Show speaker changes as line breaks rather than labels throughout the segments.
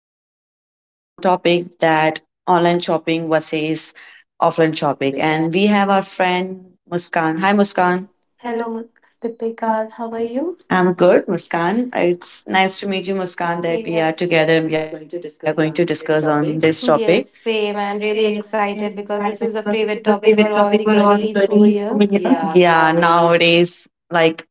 discuss on topic that online shopping versus offline
Offline
shopping
shopping. And
and we have our friend Muskan. Hi, Muskan.
Muskan.
Hello.
Hello, Deepika. How are you?
I'm
I'm
good,
good,
Muskan.
Muskan.
It's
It's
nice to
nice to
meet you,
meet you,
Muskan,
Muskan. That
that
we,
we are
yeah, are
together and
together.
we are
We are
going
going
to
to
discuss
discuss on
on this
this topic.
topic.
Yes, same.
Same.
I'm really
I'm
excited
excited
because this
because
is a
this is the
favorite
favorite
topic for
topic for
all the
all the
girlies over
girlies from
here.
India.
Yeah,
Yeah,
nowadays
nowadays, like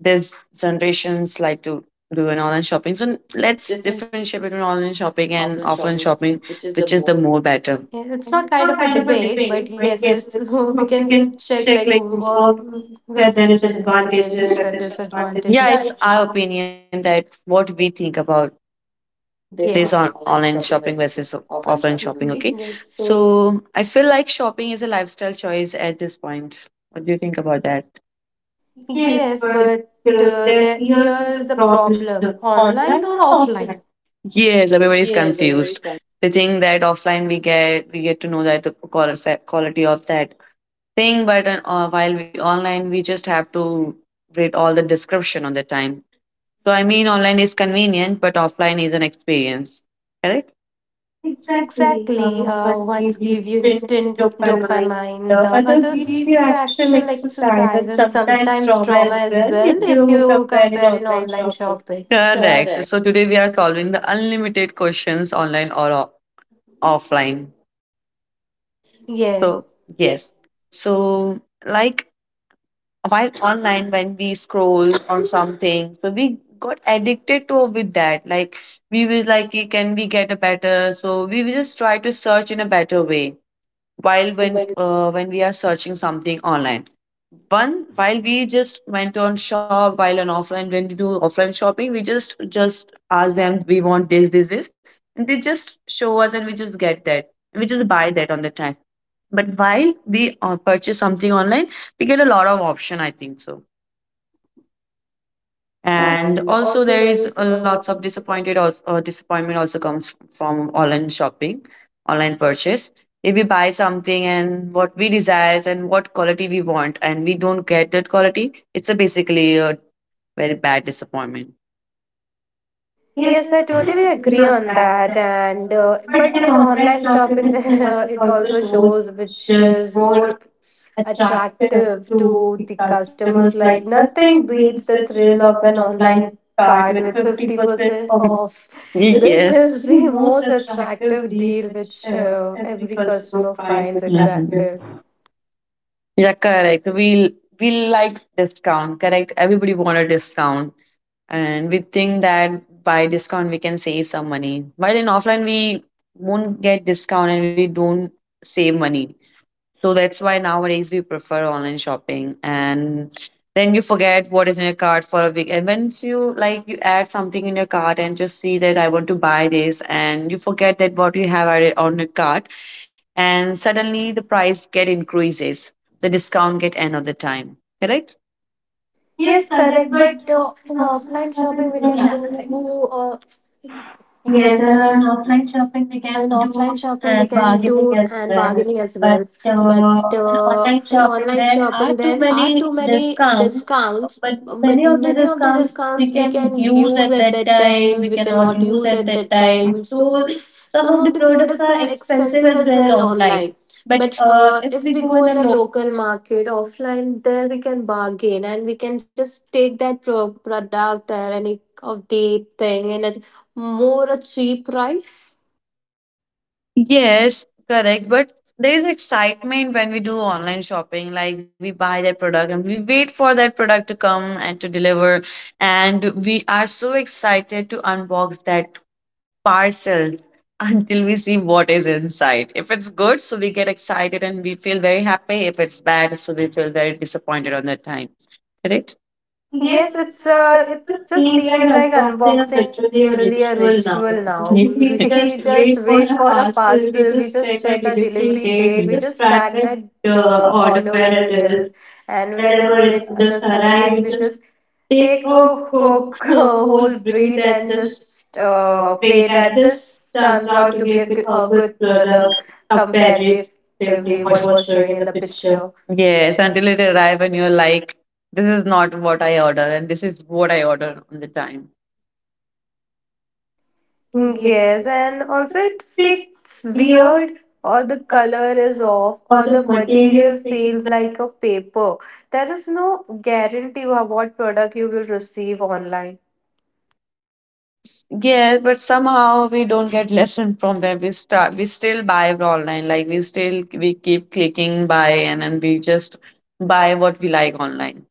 there's generations like to do an online shopping. So
it's
let's
different
differentiate between online
than
shopping and
offline
offline
shopping,
shopping,
which is the
which is
most.
the more better.
Yeah, it's
And
not
it's
kind
not
of a
kind of a
debate, but
debate, but
yes,
yes,
it's
it's,
we
we
can
can
check
check
like
like all
where there
where
is
there
an
is advantages
advantages
and
and
disadvantages.
disadvantages. Yeah,
Yeah,
it's.
it's our opinion that what we think about
They're.
this
Yeah.
on
Online
online
shopping
shopping
versus
versus
offline
offline
shopping,
shopping.
okay?
Okay,
Yes. So
so I feel like shopping is a lifestyle choice at this point. What do you think about that? Yes,
yes,
but
but
then
there,
here is the
here's the
problem,
problem,
online
online or
or offline?
offline?
Yes,
Yes,
everybody is
everybody is kind.
confused. They think that offline we get to know that the quality of that thing, but while we online we just have to read all the description on the time. So I mean, online is convenient, but offline is an experience. Correct? Exactly.
Exactly.
One
One's
gives you
give you
instant
instant
dopamine, the
dopamine, the
other
other
gives you
gives you
actual
actual
exercise and
exercise and
sometimes
sometimes
trauma
trauma
as
as
well
well
if
if
you
you
compare in
compare in
online
online
shopping.
shopping.
Correct.
Correct.
So today we are solving the unlimited questions online or offline.
Yes.
So,
So,
yes.
yes.
So, like while online, when we scroll on something, so we got addicted to with that. Like, we will like, "Okay, can we get a better?" So, we will just try to search in a better way. While
While when,
when we are searching something online one while we just went on shop, while on offline, when we do offline shopping, we just ask them we want this, this, this and they just show us and we just get that and we just buy that on the time. But while we purchase something online, we get a lot of option, I think so. And
and
also,
also
there
there
is
is
a
a
lots
lots
of
of disappointment.
disappointment also comes from online shopping, online purchase. If we buy something and what we desires and what quality we want, and we don't get that quality, it's a basically a very bad disappointment. Yes,
Yes, I
I
totally
totally agree
agree
on
on
that.
that.
And,
And
but
But
in
in
online
online
shopping,
shopping,
it
there,
it
it
also
also
shows
shows which
shows
is
more
more
attractive
attractive
to
to
the
the
customers.
customers.
Like
Like
nothing
nothing
beats
beats
the
the
thrill
thrill
of
of
an
an
online
online
cart
cart
with
with
50%
50%
off.
off.
This is,
This
yes,
is
the
the
most
most
attractive
attractive
deal
deal
which
which
every
every
customer
customer
finds,
finds
attractive.
attractive.
Yeah, correct. We like discount, correct? Everybody want a discount and we think that by discount we can save some money, while in offline we won't get discount and we don't save money. So that's why nowadays we prefer online shopping. And then you forget what is in your cart for a week, and once you like you add something in your cart and just see that I want to buy this, and you forget that what you have added on your cart, and suddenly the price get increases, the discount get end of the time. Correct? Yes,
Yes,
correct.
correct.
But
But
uh, in
in
offline
offline shopping,
shopping,
we
we
can
can do
do. Yes, and
together. In
in
offline
offline
shopping,
shopping
we
we
can
can
do
do
and
and
bargaining
bargaining
as
as
well.
well.
But
But
in
in
online
online
shopping,
shopping
there
there
are
are
too
too
many
many
discounts.
discounts.
But
But
many
many
of
of
the
the
discounts
discounts
we
we
can
can
use
use
at
at
that
that
time,
time,
we
we
cannot
cannot
use
use
at
at
that
that
time.
time.
So
So
some
some
of the
of the
products
products
are
are
expensive
expensive
as
as
well
well
online.
online.
But
But
if
if
we
we
go
go
in a
in a
local.
local market offline, there we can bargain and we can just take that product or any of the thing and at more a cheap price?
Yes, correct. But there is excitement when we do online shopping. Like we buy that product and we wait for that product to come and to deliver. And we are so excited to unbox that parcels until we see what is inside. If it's good, so we get excited and we feel very happy. If it's bad, so we feel very disappointed on that time. Correct? Yes,
Yes,
it's,
it's uh,
it
it
just
just
seems
seems
like
like unboxing
unboxing is
is
literally
literally
a
a
ritual
ritual
now.
now.
We
We
just
just
wait
wait
for
for a
a parcel,
parcel,
we
we
just
just
check
check
a
a
delivery
delivery
date,
date,
we
we
just
just
track
track
the
that
order
order where
where
it
it
is,
is.
and
Whenever
whenever
it
it
just
just
arrives,
arrive,
we
we
just
just
take
take
a
a
coke,
quick,
a whole
whole
breath,
breath
and
and
just
just
pray
pray
that
that
this
this
turns
turns
out
out
to
to
be
be
a
a,
good
g-
a
a
good
good
product
product
comparatively
comparatively
what
what
was
was
showing
showing
in
in
the
the
picture.
picture.
Yes, until it arrive and you're like, this is not what I order, and this is what I order on the time. Yes.
Yes, and also it fits weird, or the color is off, or the material feels like a paper. There is no guarantee of what product you will receive online.
Yes, but somehow we don't get lesson from that. We start, we still buy from online. Like we still we keep clicking buy, and then we just buy what we like online.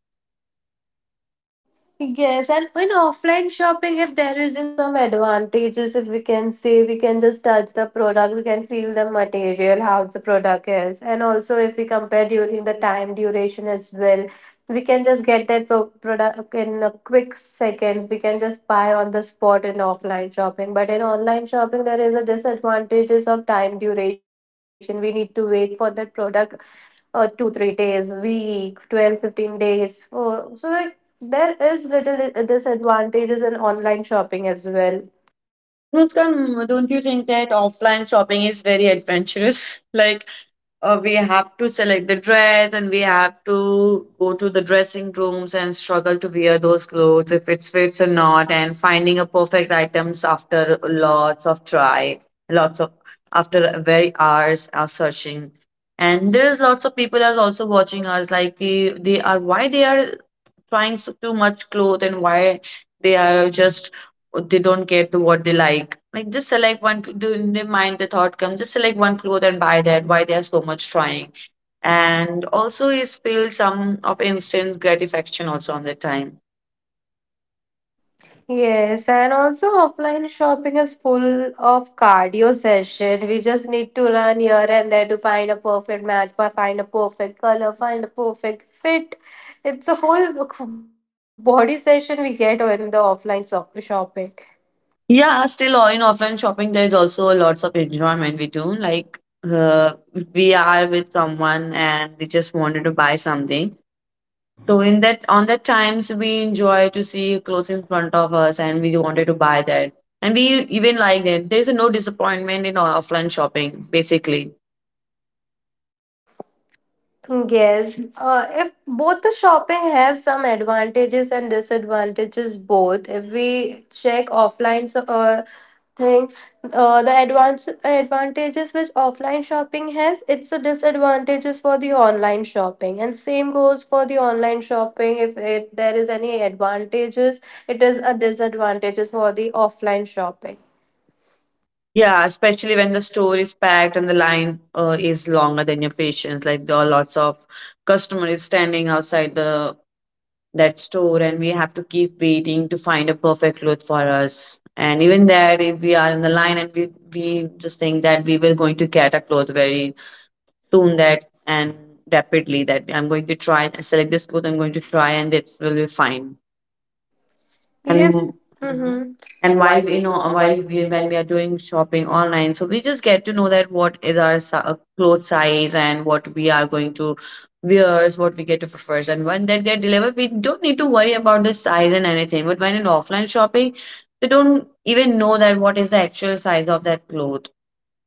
Yes, and in offline shopping, if there isn't some advantages, if we can say we can just touch the product, we can feel the material, how the product is, and also if we compare during the time duration as well, we can just get that product in a quick seconds. We can just buy on the spot in offline shopping, but in online shopping, there is a disadvantages of time duration. We need to wait for that product two, 3 days, week, 12-15 days. Oh, so, like, there is little disadvantages in online shopping as well.
But Muskan, don't you think that offline shopping is very adventurous? Like we have to select the dress and we have to go to the dressing rooms and struggle to wear those clothes if it fits or not, and finding a perfect items after lots of try, lots of after very hours of searching. And there is lots of people are also watching us, like they are, why they are trying so, too much clothes, and why they are just, they don't get to what they like. Like just select one in their mind the thought come, just select one cloth and buy that. Why they are so much trying? And also is feel some of instant gratification also on the time.
Yes, and also offline shopping is full of cardio session. We just need to run here and there to find a perfect match, find a perfect color, find a perfect fit. It's a whole body session we get in the offline shopping.
Yeah, still in offline shopping there is also lots of enjoyment we do like. Uh, we are with someone and we just wanted to buy something. So in that on the times we enjoy to see clothes in front of us and we wanted to buy that. And we even like it. There's no disappointment in offline shopping, basically.
Yes, if both the shopping have some advantages and disadvantages both. If we check offline so, thing, the advance advantages which offline shopping has, it's a disadvantages for the online shopping, and same goes for the online shopping. If it, there is any advantages, it is a disadvantages for the offline shopping.
Yeah, especially when the store is packed and the line is longer than your patience. Like there are lots of customers standing outside the that store, and we have to keep waiting to find a perfect cloth for us. And even there, if we are in the line and we just think that we were going to get a cloth very soon that and rapidly, that I'm going to try select this course, I'm going to try and this will be fine.
Yes.
And mhm.
Mm-hmm. And
While
while
we
we know,
know, while
while
we
we,
when
when.
we are doing shopping online, so we just get to know that what is our clothes size and what we are going to wear, is what we get to prefer. And when that get delivered, we don't need to worry about the size and anything. But when in offline shopping, they don't even know that what is the actual size of that clothes,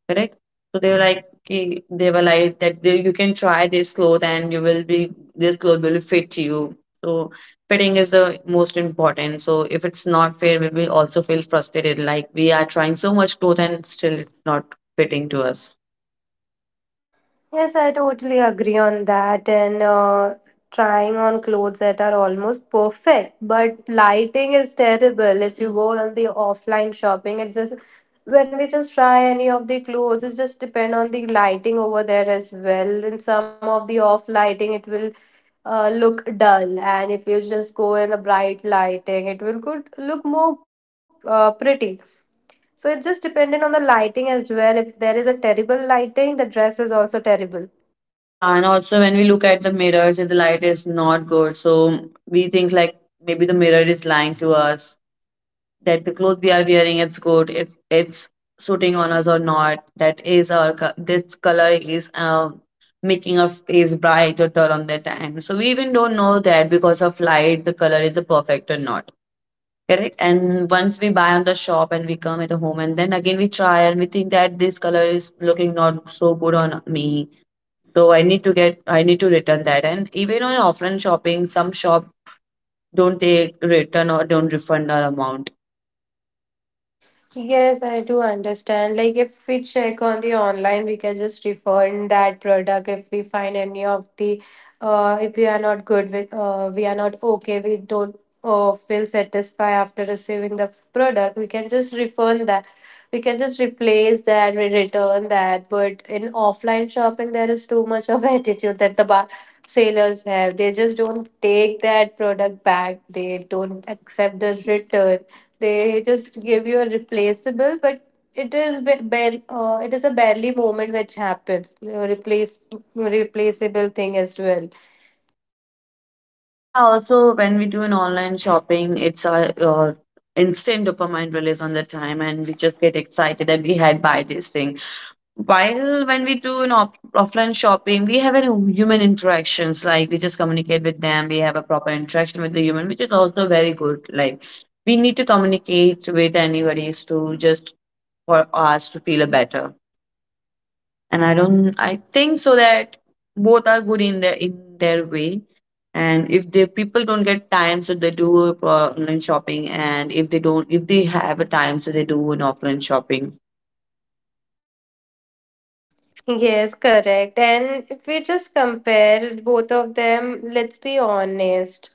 correct? So they were like, "Ki-" they were like that they, you can try this cloth and you will be, this cloth will fit you. So fitting is the most important. So if it's not fair, we will also feel frustrated. Like we are trying so much cloth and still it's not fitting to us.
Yes, I totally agree on that. And Trying on clothes that are almost perfect, but lighting is terrible. If you go on the offline shopping, it just when we just try any of the clothes, it just depend on the lighting over there as well. In some of the off lighting, it will look dull, and if you just go in the bright lighting, it will good look more pretty. So it just depended on the lighting as well. If there is a terrible lighting, the dress is also terrible.
Yeah, and also when we look at the mirrors, if the light is not good, so we think like maybe the mirror is lying to us, that the clothes we are wearing it's good, it's suiting on us or not. That is our this color is making our face bright or dull on that time. So we even don't know that because of light, the color is the perfect or not. Correct. And once we buy on the shop and we come at home and then again we try and we think that this color is looking not so good on me, so I need to return that. And even on offline shopping, some shop don't take return or don't refund our amount.
Yes, I do understand. Like if we check on the online, we can just refund that product if we find any of the if we are not good with we are not okay, we don't feel satisfied after receiving the product, we can just refund that. We can just replace that, we return that. But in offline shopping, there is too much of attitude that the bar sailors have. They just don't take that product back. They don't accept the return, they just give you a replaceable, but it is bare, it is a barely moment which happens. A replaceable thing as well.
Yeah, also when we do an online shopping, it's a instant dopamine release on the time, and we just get excited that we had buy this thing. While when we do an offline shopping, we have an human interactions. Like we just communicate with them. We have a proper interaction with the human, which is also very good. Like we need to communicate with anybody to just for us to feel better. And I don't. I think so that both are good in their way. And if the people don't get time, so they do online shopping. And if they don't, if they have a time, so they do an offline shopping.
Yes, correct. And if we just compare both of them, let's be honest.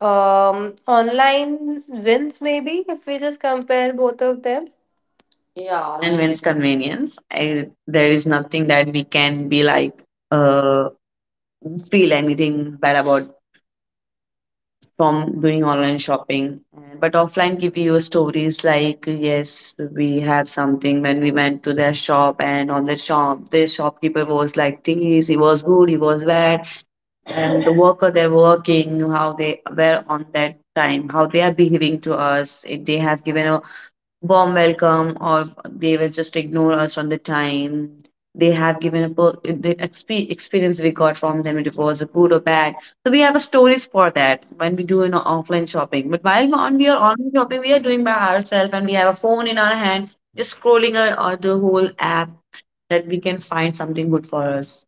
Online wins maybe if we just compare both of them.
Yeah,
Yeah,
online
online.
wins convenience. There is nothing that we can be like, uh, feel anything bad about from doing online shopping. But offline give you stories like, yes, we have something when we went to their shop and on the shop, this shopkeeper was like this, he was good, he was bad, and the worker they're working, how they were on that time, how they are behaving to us, if they have given warm welcome or they will just ignore us on the time they have given experience we got from them it was a good or bad. So we have a stories for that when we do an offline shopping, but while on we are online shopping we are doing by ourselves and we have a phone in our hand just scrolling the whole app that we can find something good for us.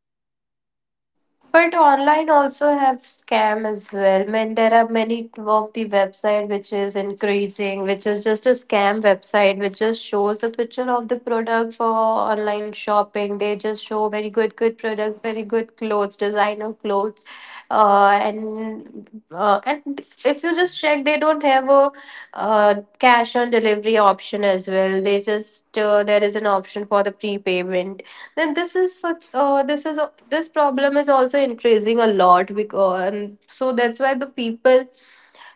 But online also have scam as well. I mean, there are many of the website which is increasing, which is just a scam website, which just shows the picture of the product for online shopping. They just show very good, good products, very good clothes, designer clothes, and if you just check, they don't have a cash on delivery option as well. They just there is an option for the prepayment, then this is such this is this problem is also increasing a lot because and so that's why the people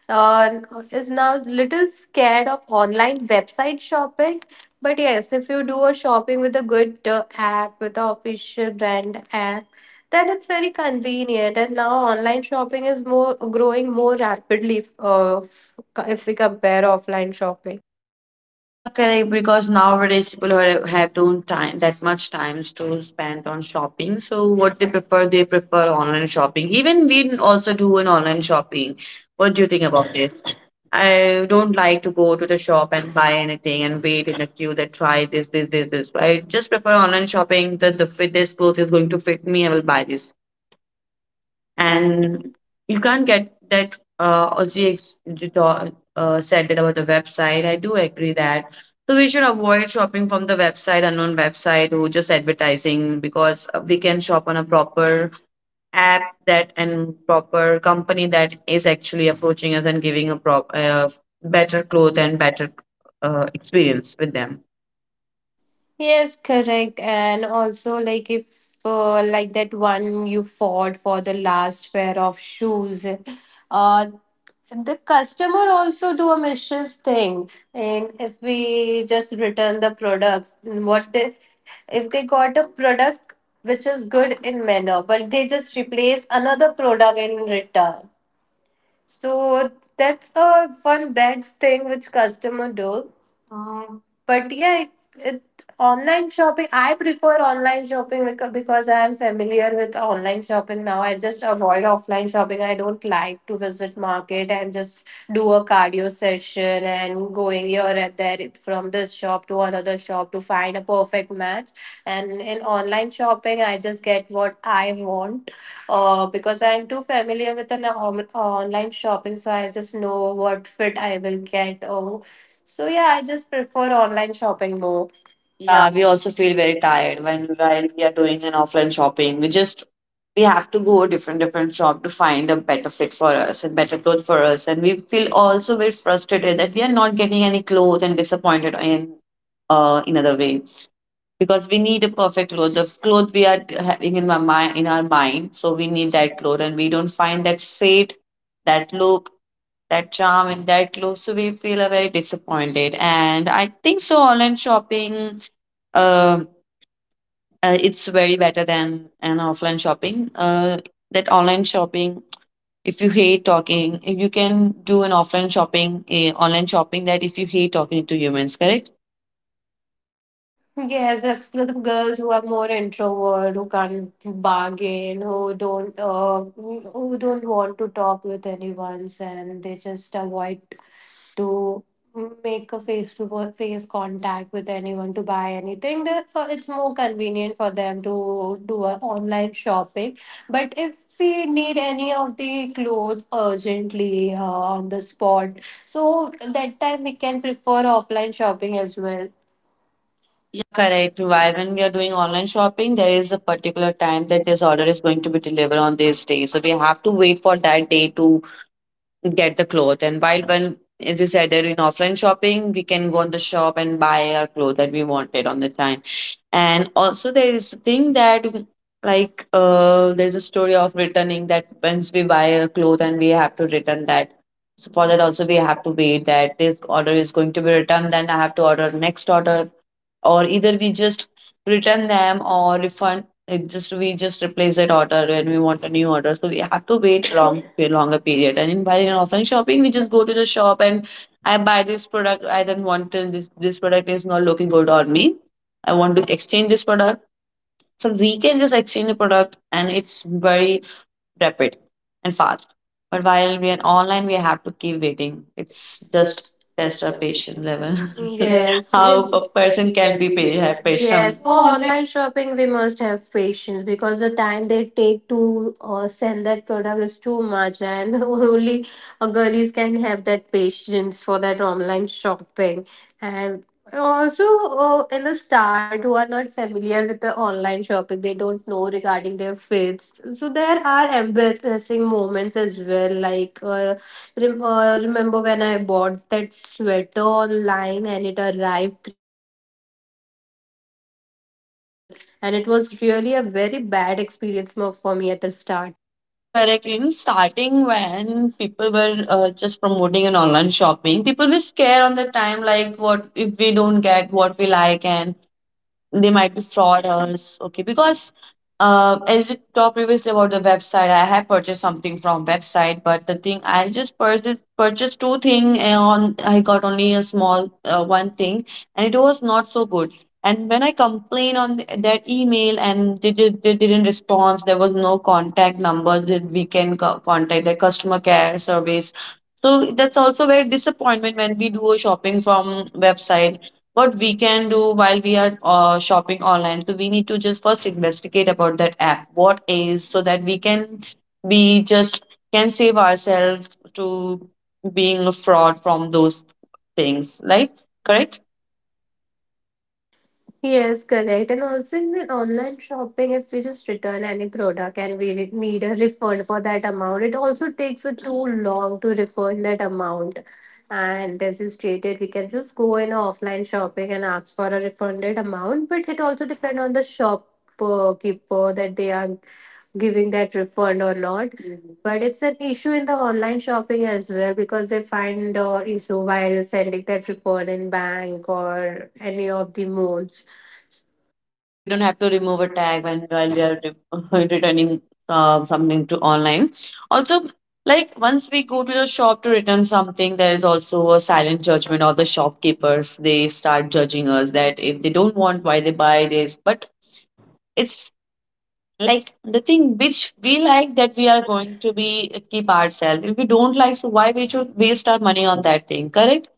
uh, is now little scared of online website shopping, but yes, if you do a shopping with a good app with the official brand app, then it's very convenient and now online shopping is more growing more rapidly if we compare offline shopping,
Yeah, correct. Because nowadays people who have don't time that much times to spend on shopping. So what they prefer online shopping. Even we also do an online shopping. What do you think about this? I don't like to go to the shop and buy anything and wait in a queue that try this, this, this, this. I just prefer online shopping that the fit this clothes is going to fit me. I will buy this and
and
you can't get that also you said that about the website. I do agree that, so we should avoid shopping from the website, unknown website who just advertising, because we can shop on a proper app that, and proper company that is actually approaching us and giving a prop better cloth and better experience with them.
yes, correct. And also, like, if like that one you fought for the last pair of shoes, uh, the customer also do a mischievous thing. And if we just return the products, what they if they got a product which is good in manner, but they just replace another product in return. So that's a one bad thing which customer do. But yeah, it online shopping. I prefer online shopping because I am familiar with online shopping now. I just avoid offline shopping. I don't like to visit market and just do a cardio session and going here and there from this shop to another shop to find a perfect match. And in online shopping, I just get what I want because I'm too familiar with an online shopping, so I just know what fit I will get. Oh, so yeah, I just prefer online shopping more. Yeah.
Yeah, we also feel very tired when while we are doing an offline shopping. We just we have to go different different shop to find a better fit for us and better clothes for us, and we feel also very frustrated that we are not getting any clothes and disappointed in other way, because we need a perfect clothes. The clothes we are having in my mind in our mind, so we need that clothes, and we don't find that fit, that look, that charm and that glow. So we feel very disappointed. And I think so. Online shopping, uh, it's very better than an offline shopping. That online shopping, if you hate talking, you can do an offline shopping, a online shopping. That if you hate talking to humans, correct?
Yes, that's for the girls who are more introvert, who can't bargain, who don't want to talk with anyone, and they just avoid to make a face to face contact with anyone to buy anything, therefore it's more convenient for them to do a online shopping, but if we need any of the clothes urgently on the spot, so that time we can prefer offline shopping as well.
Yeah, correct. Why when we are doing online shopping, there is a particular time that this order is going to be delivered on this day. So we have to wait for that day to get the cloth. And while when, as you said, that in offline shopping, we can go on the shop and buy our clothes that we wanted on the time. And also there is a thing that like there's a story of returning that once we buy a cloth and we have to return that. So for that also we have to wait that this order is going to be returned. Then I have to order next order, or either we just return them or refund it, just we just replace that order and we want a new order, so we have to wait long longer period. And in buying and offline shopping we just go to the shop and I buy this product. I then want to this product is not looking good on me. I want to exchange this product, so we can just exchange the product and it's very rapid and fast. But while we are online, we have to keep waiting. It's
It's
just
just
test
test
our
of
patience
patience
level.
level.
Yes.
Yes, how
How
we
a
a
person
person
can
can
be
be very
have
happy. Yes,
patient.
for online shopping, we must have patience because the time they take to send that product is too much, and only girlies can have that patience for that online shopping. And also, in the start, who are not familiar with the online shopping, they don't know regarding their faiths. So there are embarrassing moments as well. Like, remember when I bought that sweater online and it arrived three size too small, and it was really a very bad experience for me at the start.
Yeah, correct. In starting, when people were just promoting an online shopping, people were scared on the time, like what if we don't get what we like, and they might be frauders, okay? Because as you talked previously about the website, I have purchased something from website, but the thing I just purchased two thing, and on I got only a small one thing, and it was not so good. And when I complained on their email, and they didn't respond. There was no contact number that we can contact the customer care service. So that's also very disappointment when we do a shopping from website. What we can do while we are shopping online, so we need to just first investigate about that app, what is, so that we can be just can save ourselves to being a fraud from those things. Like correct.
Yes, correct. And also in the online shopping, if we just return any product and we need a refund for that amount, it also takes a too long to refund that amount. And as you stated, we can just go in offline shopping and ask for a refunded amount, but it also depends on the shop keeper that they are giving that refund or not. Mhm. But it's an issue in the online shopping as well because they find issue while sending that refund in bank or any of the mode.
Yeah, we don't have to remove a tag when while we are returning something to online. Also, like once we go to the shop to return something, there is also a silent judgment of the shopkeepers. They start judging us that if they don't want, why they buy this. But it's like the thing which we like that we are going to be keep ourselves. If we don't like, so why we should waste our money on that thing? Correct?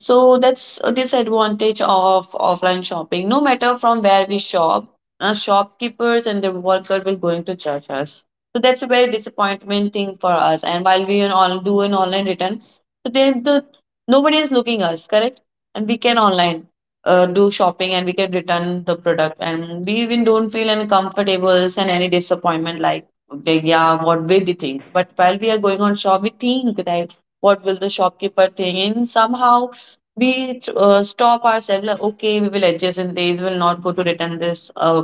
So that's a disadvantage of offline shopping. No matter from where we shop, shopkeepers and the workers will going to judge us. So that's a very disappointment thing for us. And while we an all do an online return, so there the nobody is looking us, correct? And we can online do shopping and we can return the product and we even don't feel uncomfortable and any disappointment, like okay, yeah, what will they think? But while we are going on shop, we think that what will the shopkeeper think? And somehow we stop ourselves like okay, we will adjust in this, we will not go to return this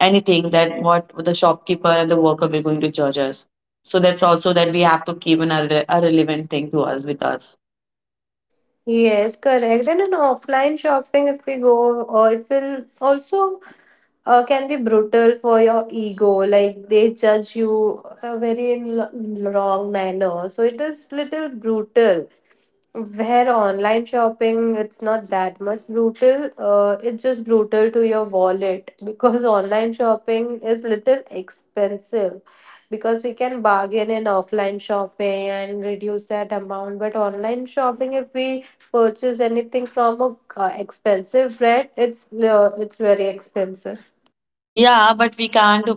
anything, that what the shopkeeper and the worker will going to charge us. So that's also that we have to keep in a, a relevant thing to us with us.
Yes, correct. And in offline shopping, if we go, or it will also can be brutal for your ego. Like they judge you very in wrong manner. So it is little brutal. Where online shopping, it's not that much brutal. It's just brutal to your wallet because online shopping is little expensive because we can bargain in offline shopping and reduce that amount. But online shopping, if we purchase anything from a expensive brand, it's very expensive.
Yeah, but we can't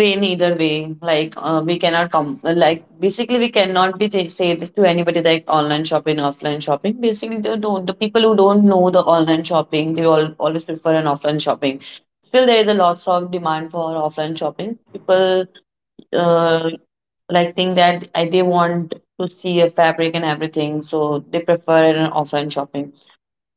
win either way, like we cannot come, like basically we cannot be say this to anybody, like online shopping offline shopping. Basically they don't, the people who don't know the online shopping, they all always prefer an offline shopping. Still there is a lots of demand for offline shopping. People uh, like think that they want to see a fabric and everything, so they prefer an offline shopping.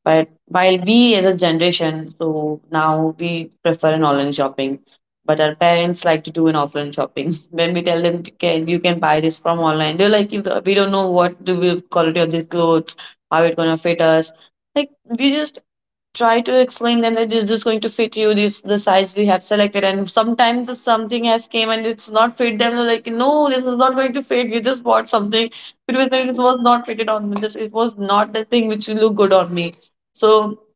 But while we as a generation, so now we prefer an online shopping. But our parents like to do an offline shopping. When we tell them, can you can buy this from online? They're like, we don't know what the quality of these clothes, how it gonna fit us." Like we just try to explain them that this is going to fit you, this the size we have selected. And sometimes the something has came and it's not fit them. They're like, no, this is not going to fit you, just bought something because it was not fitted on me, just it was not the thing which will look good on me. So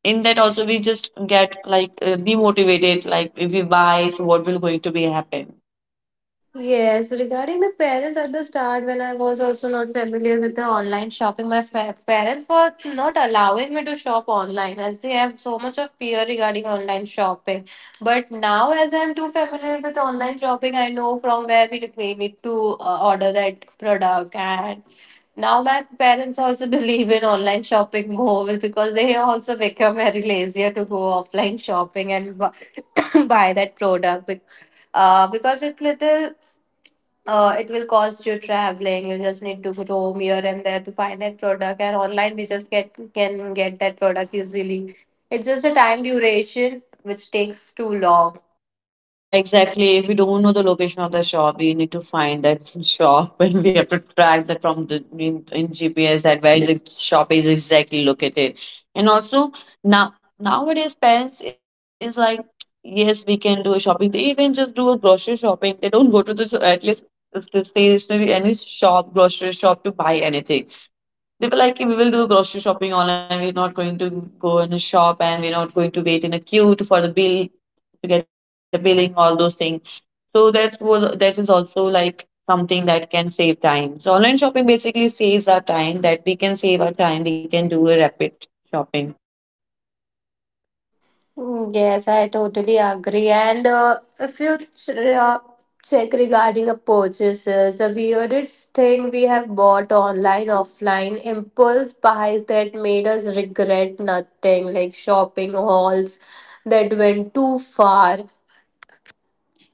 in that also we just get like demotivated, like if we buy so what will going to be happen.
Yes, regarding the parents at the start, when I was also not familiar with the online shopping, my parents were not allowing me to shop online as they have so much of fear regarding online shopping. But now, as I'm too familiar with online shopping, I know from where we need to order that product, and now my parents also believe in online shopping more because they also become very lazier to go offline shopping and buy that product because it will cost you traveling. You just need to roam here and there to find that product. And online, we just get can get that product easily. It's just a time duration which takes too long.
Yeah, exactly. If we don't know the location of the shop, we need to find that shop and we have to track that from the in GPS that where the shop is exactly located. And also now nowadays parents is like yes, we can do a shopping. They even just do a grocery shopping. They don't go to the at least the stationery any shop, grocery shop to buy anything. They were like, we will do grocery shopping online. We're not going to go in a shop and we're not going to wait in a queue to, for the bill to get a billing, all those things. So that's was that is also like something that can save time. So online shopping basically saves our time, that we can save our time, we can do a rapid shopping.
Mm, yes, I totally agree. And if check regarding a purchases, the weirdest thing we have bought online, offline, impulse buys that made us regret nothing, like shopping hauls that went too far.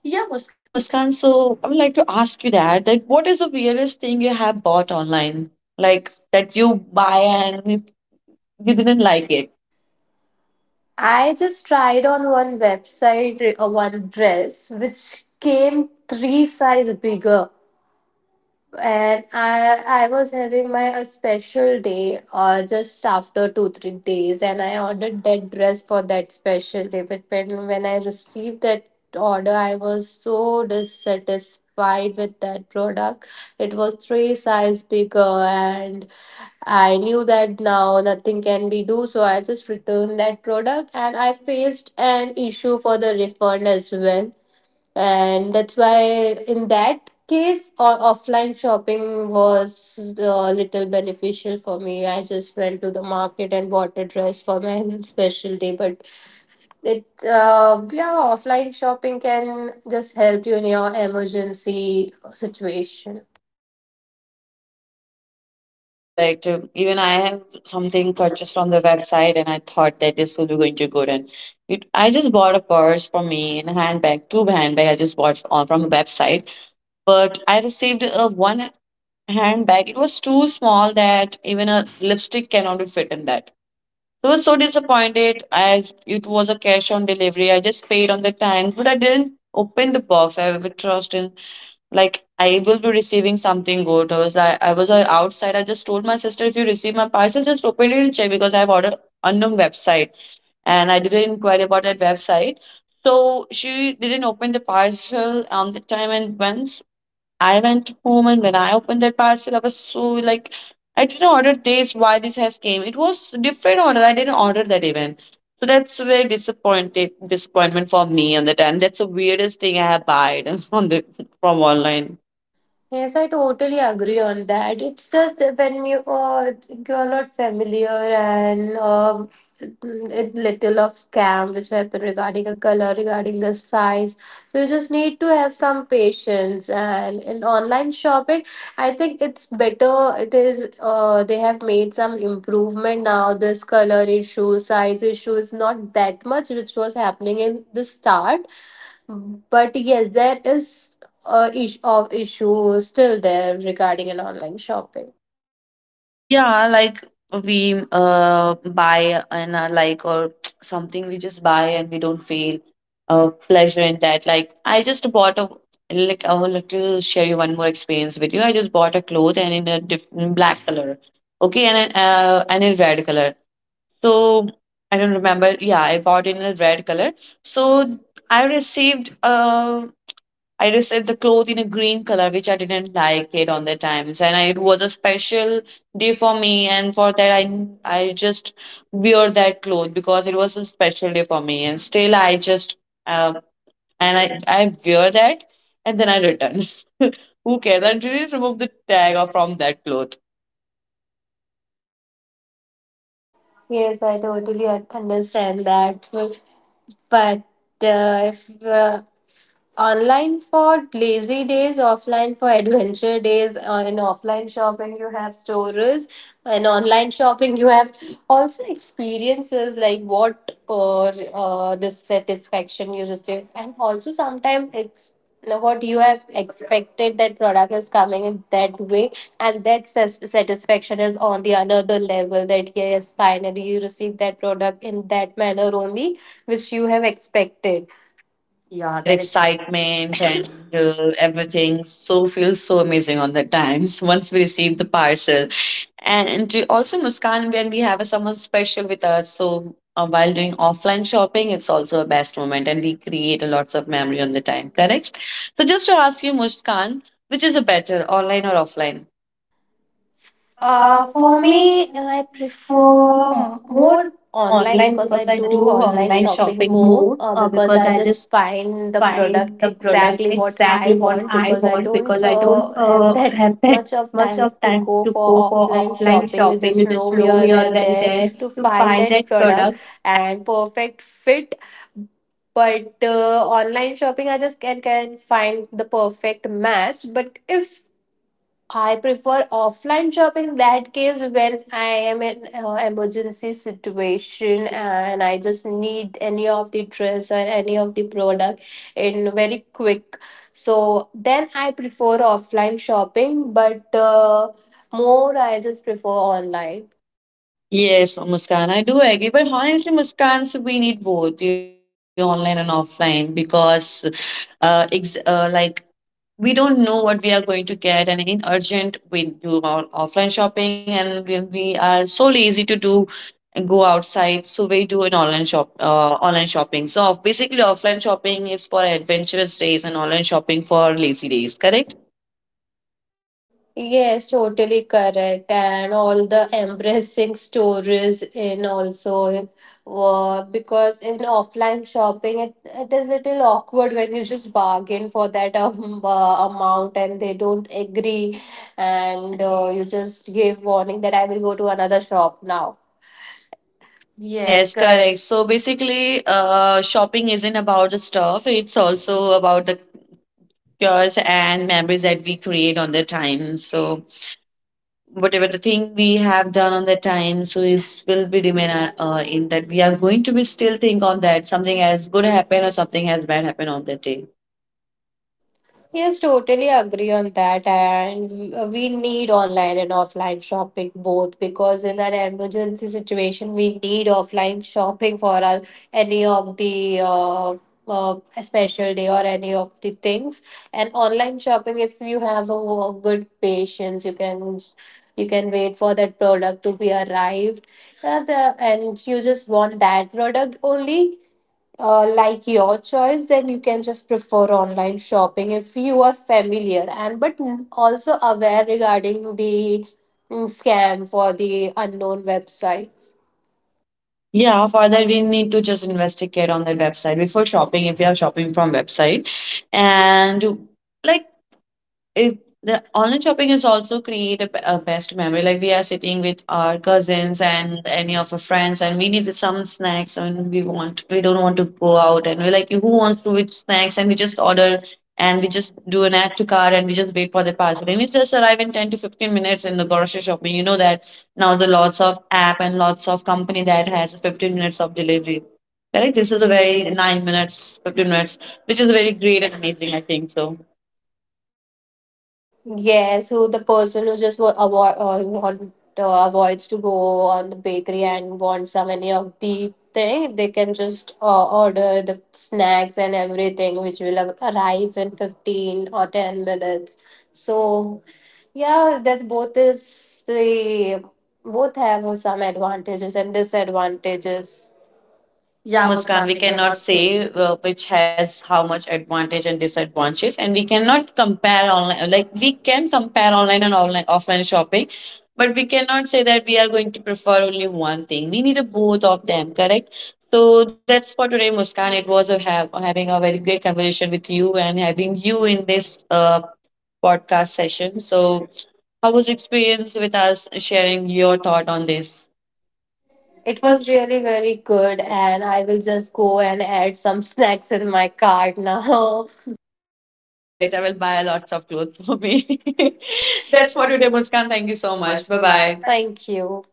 Yeah,
Yeah,
Muskan.
Muskan, so I would like to ask you that that what is the weirdest thing you have bought online? Like that you buy and you didn't like it.
I just tried on one website one dress which came three size bigger, and I was having my a special day or just after 2-3 days, and I ordered that dress for that special day, but when I received that order, I was so dissatisfied with that product. It was three size bigger, and I knew that now nothing can be do, so I just returned that product and I faced an issue for the refund as well. And that's why in that case or offline shopping was a little beneficial for me. I just went to the market and bought a dress for my specialty. But it yeah, offline shopping can just help you in your emergency situation.
Correct. Even I have something purchased on the website, and I thought that this will be going to good. And it, I just bought a purse for me and a handbag, two handbag I just bought on from a website, but I received a one handbag. It was too small that even a lipstick cannot fit in that. I was so disappointed. I it was a cash on delivery. I just paid on the time, but I didn't open the box. I have a trust in like I will be receiving something good. I was I was outside. I just told my sister if you receive my parcel, just open it and check because I have ordered unknown website and I didn't inquire about that website. So she didn't open the parcel on the time and went I went home, and when I opened that parcel, I was so like, I didn't order this. Why this has came? It was different order. I didn't order that even. So that's a very disappointed disappointment for me on the time. That's the weirdest thing I have bought on the from online.
Yes, I totally agree on that. It's just that when you are not familiar, and it little of scam which happen regarding a color, regarding the size. So you just need to have some patience. And in online shopping, I think it's better. It is They have made some improvement now. This color issue, size issue is not that much which was happening in the start, but yes, there is a issue of issue still there regarding an online shopping.
Yeah, like we buy and like or something we just buy and we don't feel pleasure in that. Like I just bought a Like I will little share you one more experience with you. I just bought a cloth and in a different black color, okay, and in red color. So I don't remember. Yeah, I bought it in a red color. So I received um I received the cloth in a green color, which I didn't like it on the times, and I, it was a special day for me. And for that, I just wear that cloth because it was a special day for me. And still, I just uh, and I wear that, and then I return. Who cares? I didn't remove the tag or from that cloth.
Yes, I totally understand that. But if online for lazy days, offline for adventure days. In offline shopping, you have stores, and online shopping, you have also experiences like what or dissatisfaction you receive, and also sometimes it's what you have expected that product is coming in that way, and that satisfaction is on the another level. That yes, finally you receive that product in that manner only, which you have expected.
Yeah,
Yeah,
that
that
excitement and everything so feels so amazing on the times once we receive the parcel. And also, Muskan, when we have a someone special with us, so while doing offline shopping, it's also a best moment, and we create a lots of memory on the time. Correct. So just to ask you, Muskan, which is a better, online or offline? Uh, for
For
me,
me,
uh,
I
for
prefer
more
more
online
online
because
because
I
I
do
do
online
online
shopping
shopping
more,
more
because
because
I
I
just
just
find
find
the
the
product
product
exactly
exactly
what
what
I
I
want
want
because
because
I
I
don't
don't
have
have
that
that
much
much
of
of
time
time
to
to go
go for
for offline
offline shopping.
shopping.
You
You
just
just
roam
roam
here
here
and
then
there
there to
to find
find
that
that
product.
product and perfect fit, but online shopping, I just can find the perfect match. But if I prefer offline shopping that case when I am in emergency situation and I just need any of the dress or any of the product in very quick. So then I prefer offline shopping, but more I just prefer online.
Yes, Muskan, I do agree. But honestly, Muskan, so we need both the online and offline because, like we don't know what we are going to get, and in urgent we do our offline shopping, and we are so lazy to do and go outside, so we do an online shop online shopping. So off, basically, offline shopping is for adventurous days and online shopping for lazy days, correct.
Yes, totally correct. And all the embarrassing stories in also because in offline shopping, it is little awkward when you just bargain for that amount and they don't agree, and you just give warning that I will go to another shop now. Yes,
Yes,
correct.
correct. So basically, shopping isn't about the stuff, it's also about the cures and memories that we create on the time. So whatever the thing we have done on that time, so it will be remain in that we are going to be still think on that something has good happen or something has bad happen on that day.
Yes, totally agree on that. And we need online and offline shopping both because in an emergency situation, we need offline shopping for any of the uh, special day or any of the things. And online shopping, if you have good patience, you can wait for that product to be arrived. And you just want that product only like your choice, then you can just prefer online shopping if you are familiar and but also aware regarding the scam for the unknown websites.
Yeah, for that we need to just investigate on that website before shopping if we are shopping from website. And like, if the online shopping is also create a best memory, like we are sitting with our cousins and any of our friends and we need some snacks and we want we don't want to go out, and we're like who wants to eat snacks, and we just order and we just do an add to cart, and we just wait for the parcel, and it just arrive in 10 to 15 minutes. In the grocery shopping, you know that now there lots of app and lots of company that has 15 minutes of delivery. Correct, this is a very 9 minutes, 15 minutes, which is very great and amazing, I think so.
Yes, who the person who just avoids to go on the bakery and wants some any of the thing they can just order the snacks and everything which will arrive in 15 or 10 minutes. So yeah, that both is the both have some advantages and disadvantages.
Yeah,
Yeah,
Muskan,
Muskan,
we
we
cannot
cannot say.
say which has how much advantage and disadvantages, and we cannot compare online. Like we can compare online and online offline shopping, but we cannot say that we are going to prefer only one thing. We need a both of them, correct? So that's for today, Muskan. It was a have having a very great conversation with you and having you in this podcast session. So how was your experience with us sharing your thought on this?
It was really very good, and I will just go and add some snacks in my cart now.
Correct. I will buy lots of clothes for me. That's
That's
for
what it
today, Muskan. Thank you
is.
so
So
much.
much.
Bye
Bye bye.
bye.
Thank you.